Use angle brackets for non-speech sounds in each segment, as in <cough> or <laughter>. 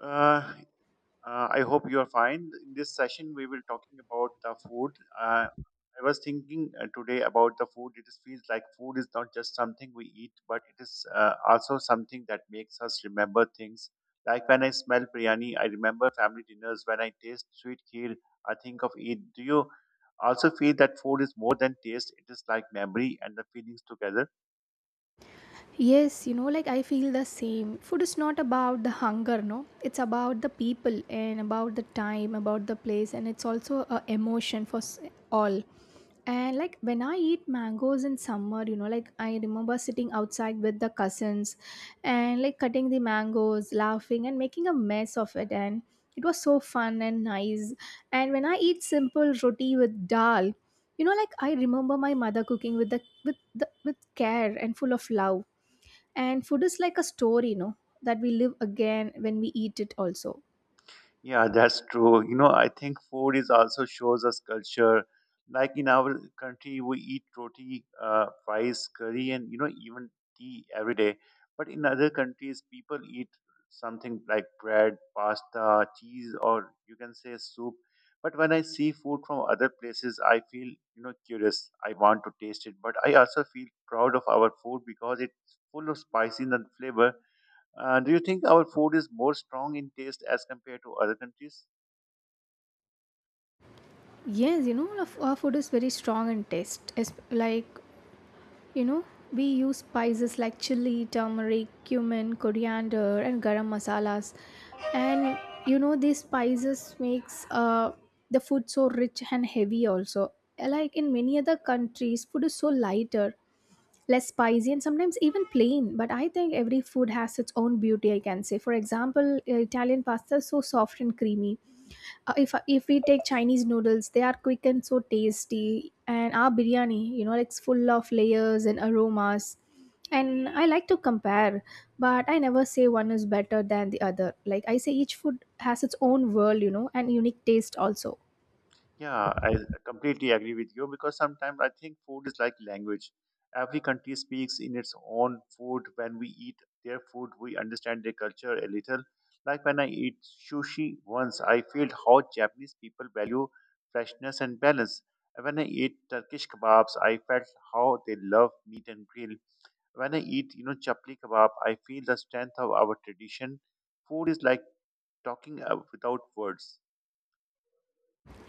Uh, I hope you are fine. In this session, we will talking about the food. Uh, I was thinking today about the food. It is, feels like food is not just something we eat, but it is also something that makes us remember things. Like when I smell biryani, I remember family dinners. When I taste sweet kheer, I think of Eid. Do you also feel that food is more than taste? It is like memory and the feelings together. Yes, you know, like I feel the same. Food is not about the hunger, no. It's about the people and about the time, about the place, and it's also a emotion for all. And like when I eat mangoes in summer, you know, like I remember sitting outside with the cousins and like cutting the mangoes, laughing and making a mess of it. And it was so fun and nice. And when I eat simple roti with dal, you know, like I remember my mother cooking with care and full of love, and food is like a story, you know, that we live again when we eat it also. Yeah, that's true. You know, I think food is also shows us culture. Like in our country, we eat roti, rice, curry, and you know even tea every day. But in other countries, people eat something like bread, pasta, cheese, or you can say soup. But when I see food from other places, I feel you know curious. I want to taste it, but I also feel proud of our food because it's full of spices and flavor. Do you think our food is more strong in taste as compared to other countries? Yes, you know, our food is very strong in taste. It's like, you know, we use spices like chili, turmeric, cumin, coriander, and garam masalas. And, you know, these spices makes the food so rich and heavy also. Like in many other countries, food is so lighter, less spicy, and sometimes even plain, but I think every food has its own beauty, I can say. For example, Italian pasta is so soft and creamy. If we take Chinese noodles, they are quick and so tasty, and our biryani, you know, it's full of layers and aromas. And I like to compare, but I never say one is better than the other. Like I say, each food has its own world, you know, and unique taste also. Yeah, I completely agree with you because sometimes I think food is like language. Every country speaks in its own food. When we eat their food, we understand their culture a little. Like when I eat sushi once, I feel how Japanese people value freshness and balance. And When I eat Turkish kebabs, I felt how they love meat and grill. When I eat, you know, chapli kebab, I feel the strength of our tradition food is like talking without words.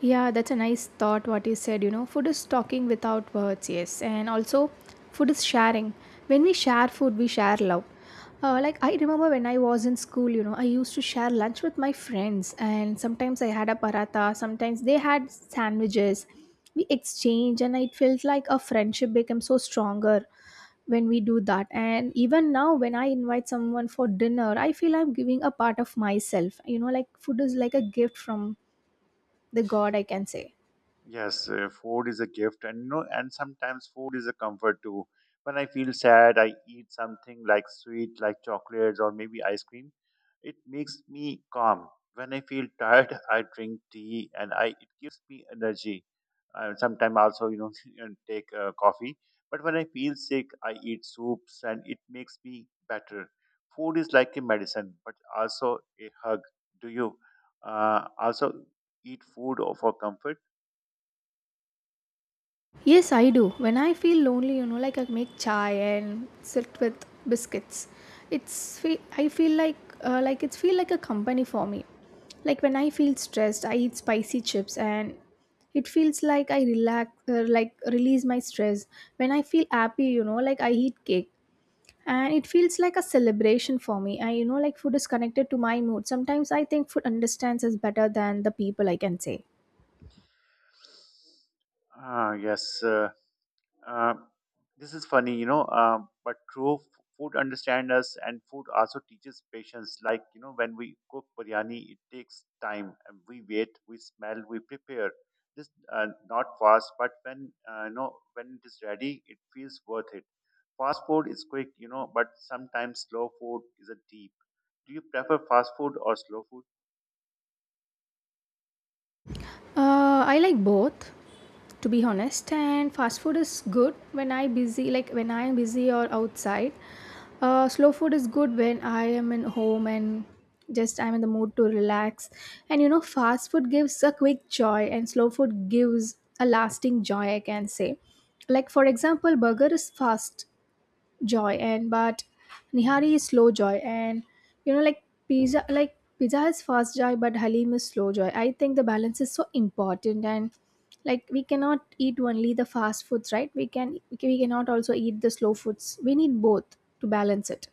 Yeah, that's a nice thought what you said. You know, food is talking without words, yes. And also, food is sharing. When we share food, we share love. Like, I remember when I was in school, you know, I used to share lunch with my friends, and sometimes I had a paratha, sometimes they had sandwiches. We exchange, and it felt like a friendship became so stronger when we do that. And even now, when I invite someone for dinner, I feel I'm giving a part of myself. You know, like, food is like a gift from the God, I can say. Yes, food is a gift, and you know, and sometimes food is a comfort too. When I feel sad, I eat something like sweet, like chocolates or maybe ice cream. It makes me calm. When I feel tired, <laughs> I drink tea, and I it gives me energy. Sometimes also, you know, <laughs> and take coffee. But when I feel sick, I eat soups, and it makes me better. Food is like a medicine, but also a hug. Do you also eat food or for comfort? Yes, I do. When I feel lonely, you know, like I make chai and sit with biscuits. I feel like it's feel like a company for me. Like when I feel stressed, I eat spicy chips and it feels like I relax, like release my stress. When I feel happy, you know, like I eat cake and it feels like a celebration for me. I, you know, like, food is connected to my mood. Sometimes I think food understands us better than the people, I can say. Ah, yes. Uh, this is funny, you know, but true. Food understands us, and food also teaches patience. Like you know, when we cook biryani, it takes time. And we wait, we smell, we prepare. This not fast, but when you know when it is ready, it feels worth it. Fast food is quick, you know, but sometimes slow food is a deep. Do you prefer fast food or slow food? I like both, to be honest. And fast food is good when I am busy or outside. Slow food is good when I am in home and just I'm in the mood to relax. And you know, fast food gives a quick joy and slow food gives a lasting joy, I can say. Like for example, burger is fast joy, and but nihari is slow joy. And you know, like pizza is fast joy but halim is slow joy. I think the balance is so important. And like, we cannot eat only the fast foods, right? We cannot also eat the slow foods. We need both to balance it.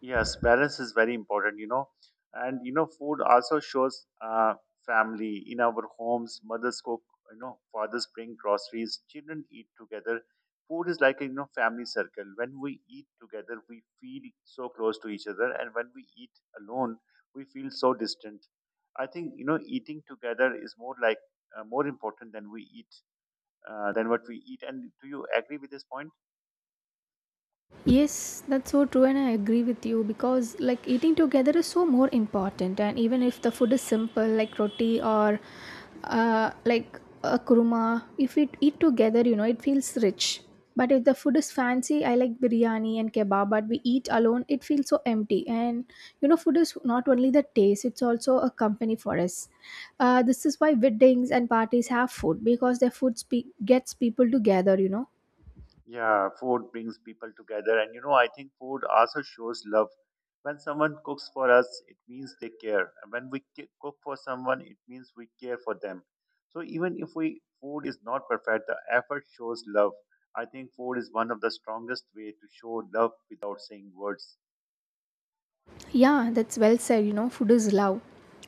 Yes, balance is very important, you know. And, you know, food also shows family. In our homes, mothers cook, you know, fathers bring groceries, children eat together. Food is like a, you know, family circle. When we eat together, we feel so close to each other. And when we eat alone, we feel so distant. I think, you know, eating together is more like, more important than we eat, than what we eat. And do you agree with this point? Yes, that's so true, and I agree with you because like eating together is so more important. And even if the food is simple, like roti or like a kurma, if we eat together, you know, it feels rich. But if the food is fancy, I like biryani and kebab, but we eat alone, it feels so empty. And you know, food is not only the taste, it's also a company for us. This is why weddings and parties have food, because their gets people together, you know. Yeah, food brings people together, and you know, I think food also shows love. When someone cooks for us, it means they care, and when we cook for someone, it means we care for them. So even if we food is not perfect, the effort shows love. I think food is one of the strongest way to show love without saying words. Yeah, that's well said. You know, food is love.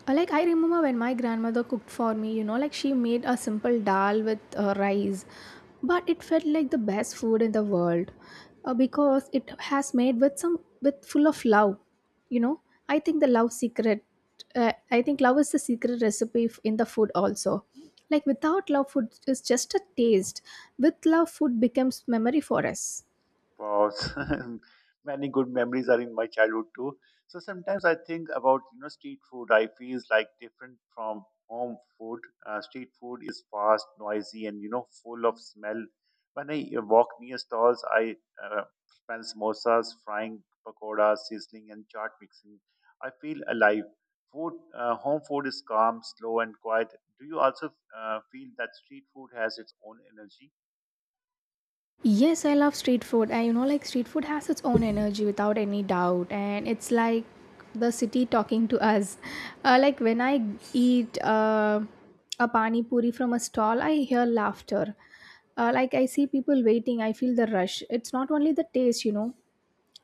Like I remember when my grandmother cooked for me, you know, like she made a simple dal with rice, but it felt like the best food in the world, because it has made with some with full of love. You know, I think the love secret. I think love is the secret recipe in the food also. Like without love, food is just a taste. With love, food becomes memory for us. Wow, <laughs> many good memories are in my childhood too. So sometimes I think about you know street food. I feels like different from home food. Street food is fast, noisy, and you know full of smell. When I walk near stalls, I uh, smell samosas, frying pakoras, sizzling, and chaat mixing. I feel alive. Food, home food is calm, slow, and quiet. Do you also feel that street food has its own energy? Yes, I love street food. And you know, like street food has its own energy without any doubt. And it's like the city talking to us. <laughs> Like when I eat a pani puri from a stall, I hear laughter. Like I see people waiting, I feel the rush. It's not only the taste, you know.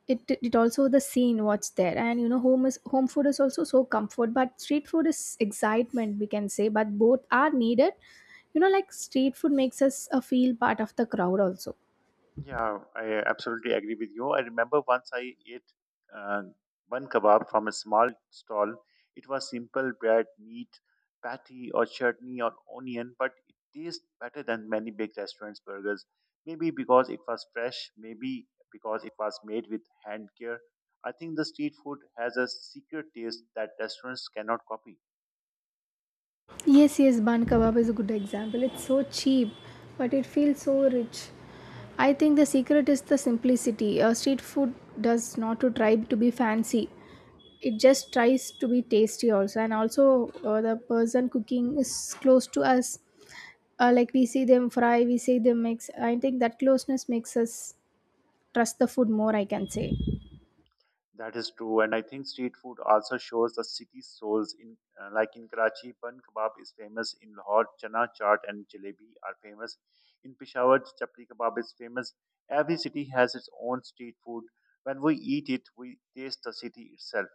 It also the scene what's there. And you know, home food is also so comfort, but street food is excitement, we can say, but both are needed. You know, like street food makes us feel part of the crowd also. Yeah, I absolutely agree with you. I remember once I ate uh, one kebab from a small stall. It was simple bread, meat, patty, or chutney, or onion, but it tastes better than many big restaurants' burgers. Maybe because it was fresh, maybe because it was made with hand care. I think the street food has a secret taste that restaurants cannot copy. Yes, yes, bun kebab is a good example. It's so cheap, but it feels so rich. I think the secret is the simplicity. Street food does not to try to be fancy. It just tries to be tasty also, and also the person cooking is close to us. Like we see them fry, we see them mix. I think that closeness makes us trust the food more, I can say. That is true, and I think street food also shows the city's souls. In like in Karachi, bun kebab is famous. In Lahore, chana chaat and jalebi are famous. In Peshawar, chapli kebab is famous. Every city has its own street food. When we eat it, we taste the city itself.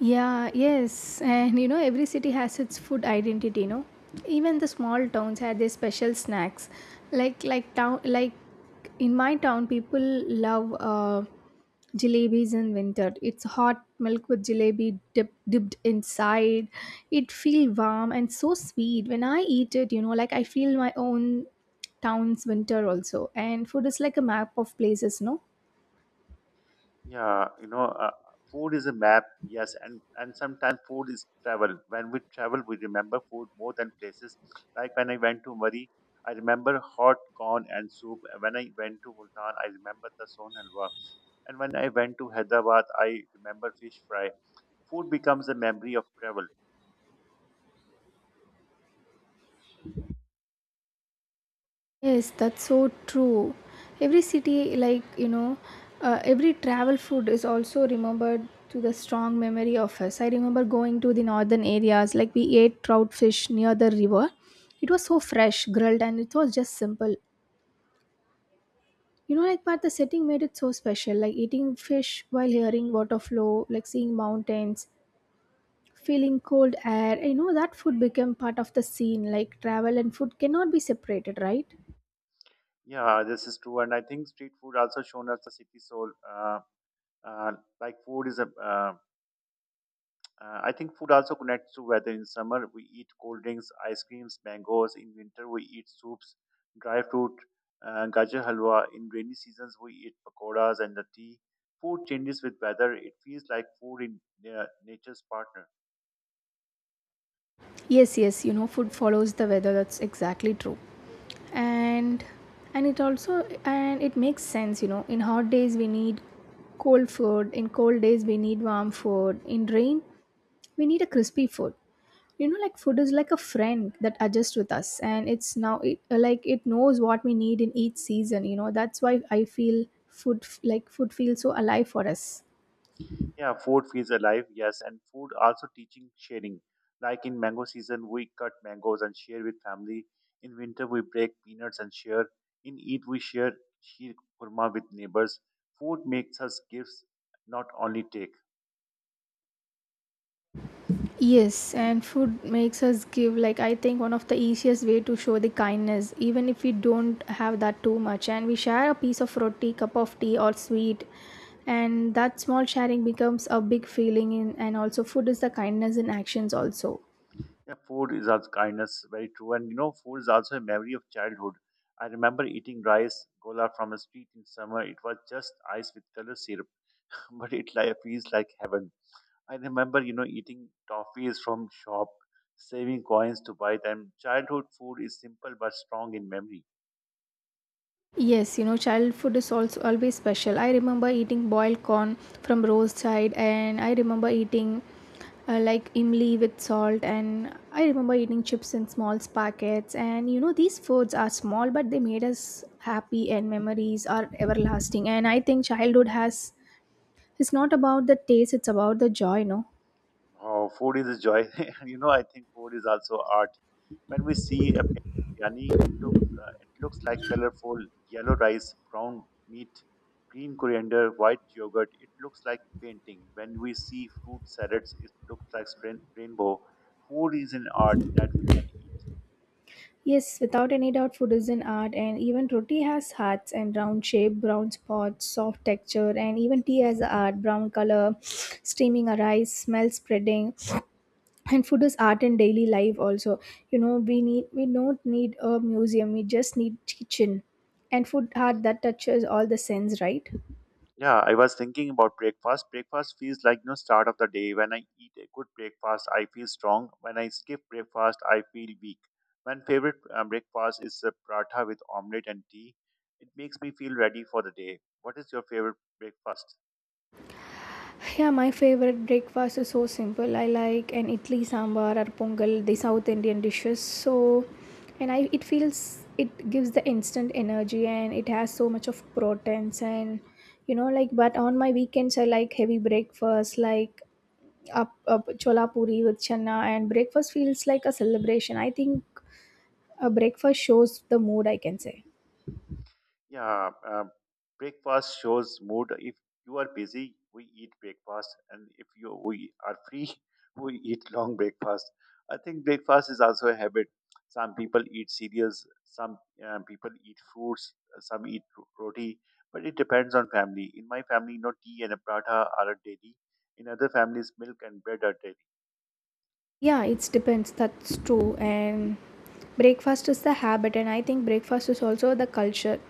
Yeah, yes. And you know, every city has its food identity, you know. Even the small towns had their special snacks. Like in my town, people love jalebis in winter. It's hot milk with jalebi dip, dipped inside. It feel warm and so sweet. When I eat it, you know, like I feel my own town's winter also. And food is like a map of places, no? Yeah, you know, food is a map, yes, and sometimes food is travel. When we travel, we remember food more than places. Like when I went to Murray, I remember hot corn and soup. When I went to Multan, I remember the son halwa. And when I went to Hyderabad, I remember fish fry. Food becomes a memory of travel. Yes, that's so true. Every city, like, you know, every travel food is also remembered to the strong memory of us. I remember going to the northern areas, like, we ate trout fish near the river. It was so fresh, grilled, and it was just simple. You know, like, but the setting made it so special, like eating fish while hearing water flow, like seeing mountains, feeling cold air. You know, that food became part of the scene, like, travel and food cannot be separated, right? Yeah, this is true, and I think street food also shown us the city soul. Uh, like food is a. I think food also connects to weather. In summer, we eat cold drinks, ice creams, mangoes. In winter, we eat soups, dry fruit, gajar halwa. In rainy seasons, we eat pakoras and the tea. Food changes with weather. It feels like food in nature's partner. Yes, yes, you know, food follows the weather. That's exactly true. And and it also, and it makes sense, you know. In hot days we need cold food, in cold days we need warm food, in rain we need a crispy food. You know, like food is like a friend that adjusts with us, and it's now like it knows what we need in each season, you know. That's why I feel like food feels so alive for us. Yeah, food feels alive, yes, and food also teaching sharing. Like in mango season, we cut mangoes and share with family. In winter, we break peanuts and share. In Eid, we share sheer kurma with neighbors. Food makes us gifts, not only take. Yes, and food makes us give. Like I think one of the easiest way to show the kindness, even if we don't have that too much and we share a piece of roti, cup of tea or sweet, and that small sharing becomes a big feeling in, and also food is the kindness in actions also. Yeah, food is also kindness, very true. And you know, food is also a memory of childhood. I remember eating rice gola from a street in summer. It was just ice with color syrup, <laughs> but it like, feels like heaven. I remember, you know, eating toffees from shop, saving coins to buy them. Childhood food is simple but strong in memory. Yes, you know, childhood is also always special. I remember eating boiled corn from roadside, and I remember eating like imli with salt, and I remember eating chips in small packets. And you know, these foods are small, but they made us happy, and memories are everlasting. And I think childhood has it's not about the taste; it's about the joy, no. Oh, food is a joy. <laughs> You know, I think food is also art. When we see a biryani, it looks like colorful yellow rice, brown meat, green coriander, white yogurt. It looks like painting. When we see fruit salads, it looks like rainbow. Food is an art that we can eat. Yes, without any doubt, food is an art, and even roti has hearts and round shape, brown spots, soft texture, and even tea has a art, brown color, <sniffs> steaming a rice, smell spreading. <sniffs> And food is art in daily life also. You know, we don't need a museum, we just need kitchen. And food art that touches all the sense, right? Yeah, I was thinking about breakfast. Breakfast feels like no start of the day. When I eat a good breakfast, I feel strong. When I skip breakfast, I feel weak. My favorite breakfast is a paratha with omelette and tea. It makes me feel ready for the day. What is your favorite breakfast? Yeah, my favorite breakfast is so simple. I like an idli sambar or pongal, the South Indian dishes. So, and I it feels it gives the instant energy and it has so much of proteins. And you know, like, but on my weekends I like heavy breakfast, like up, up chola puri with chana, and breakfast feels like a celebration. I think a breakfast shows the mood, I can say. Yeah, breakfast shows mood. If you are busy, we eat breakfast, and if you we are free, <laughs> we eat long breakfast. I think breakfast is also a habit. Some people eat cereals, some people eat fruits, some eat roti, but it depends on family. In my family, no tea and a paratha are a daily. In other families, milk and bread are daily. Yeah, it depends. That's true. And breakfast is the habit, and I think breakfast is also the culture.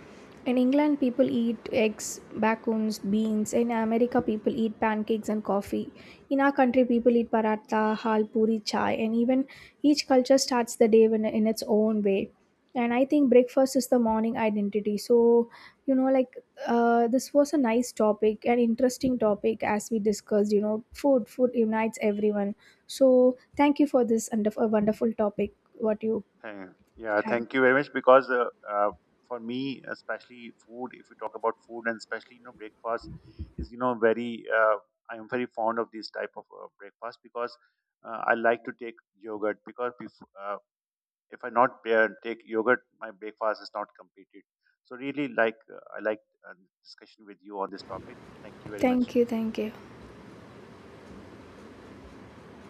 In England, people eat eggs, bacons, beans. In America, people eat pancakes and coffee. In our country, people eat paratha, hal, puri, chai, and even each culture starts the day in its own way. And I think breakfast is the morning identity. So, you know, like, this was a nice topic, an interesting topic as we discussed. You know, food unites everyone. So, thank you for this and a wonderful topic what you Uh, Yeah, had. thank you very much. Because for me, especially food, if we talk about food and especially you know breakfast, is you know very uh, I am very fond of this type of breakfast because I like to take yogurt because uh, if I not take yogurt, my breakfast is not completed. So really, like I like uh, discussion with you on this topic. Thank you very much. Thank you, thank you.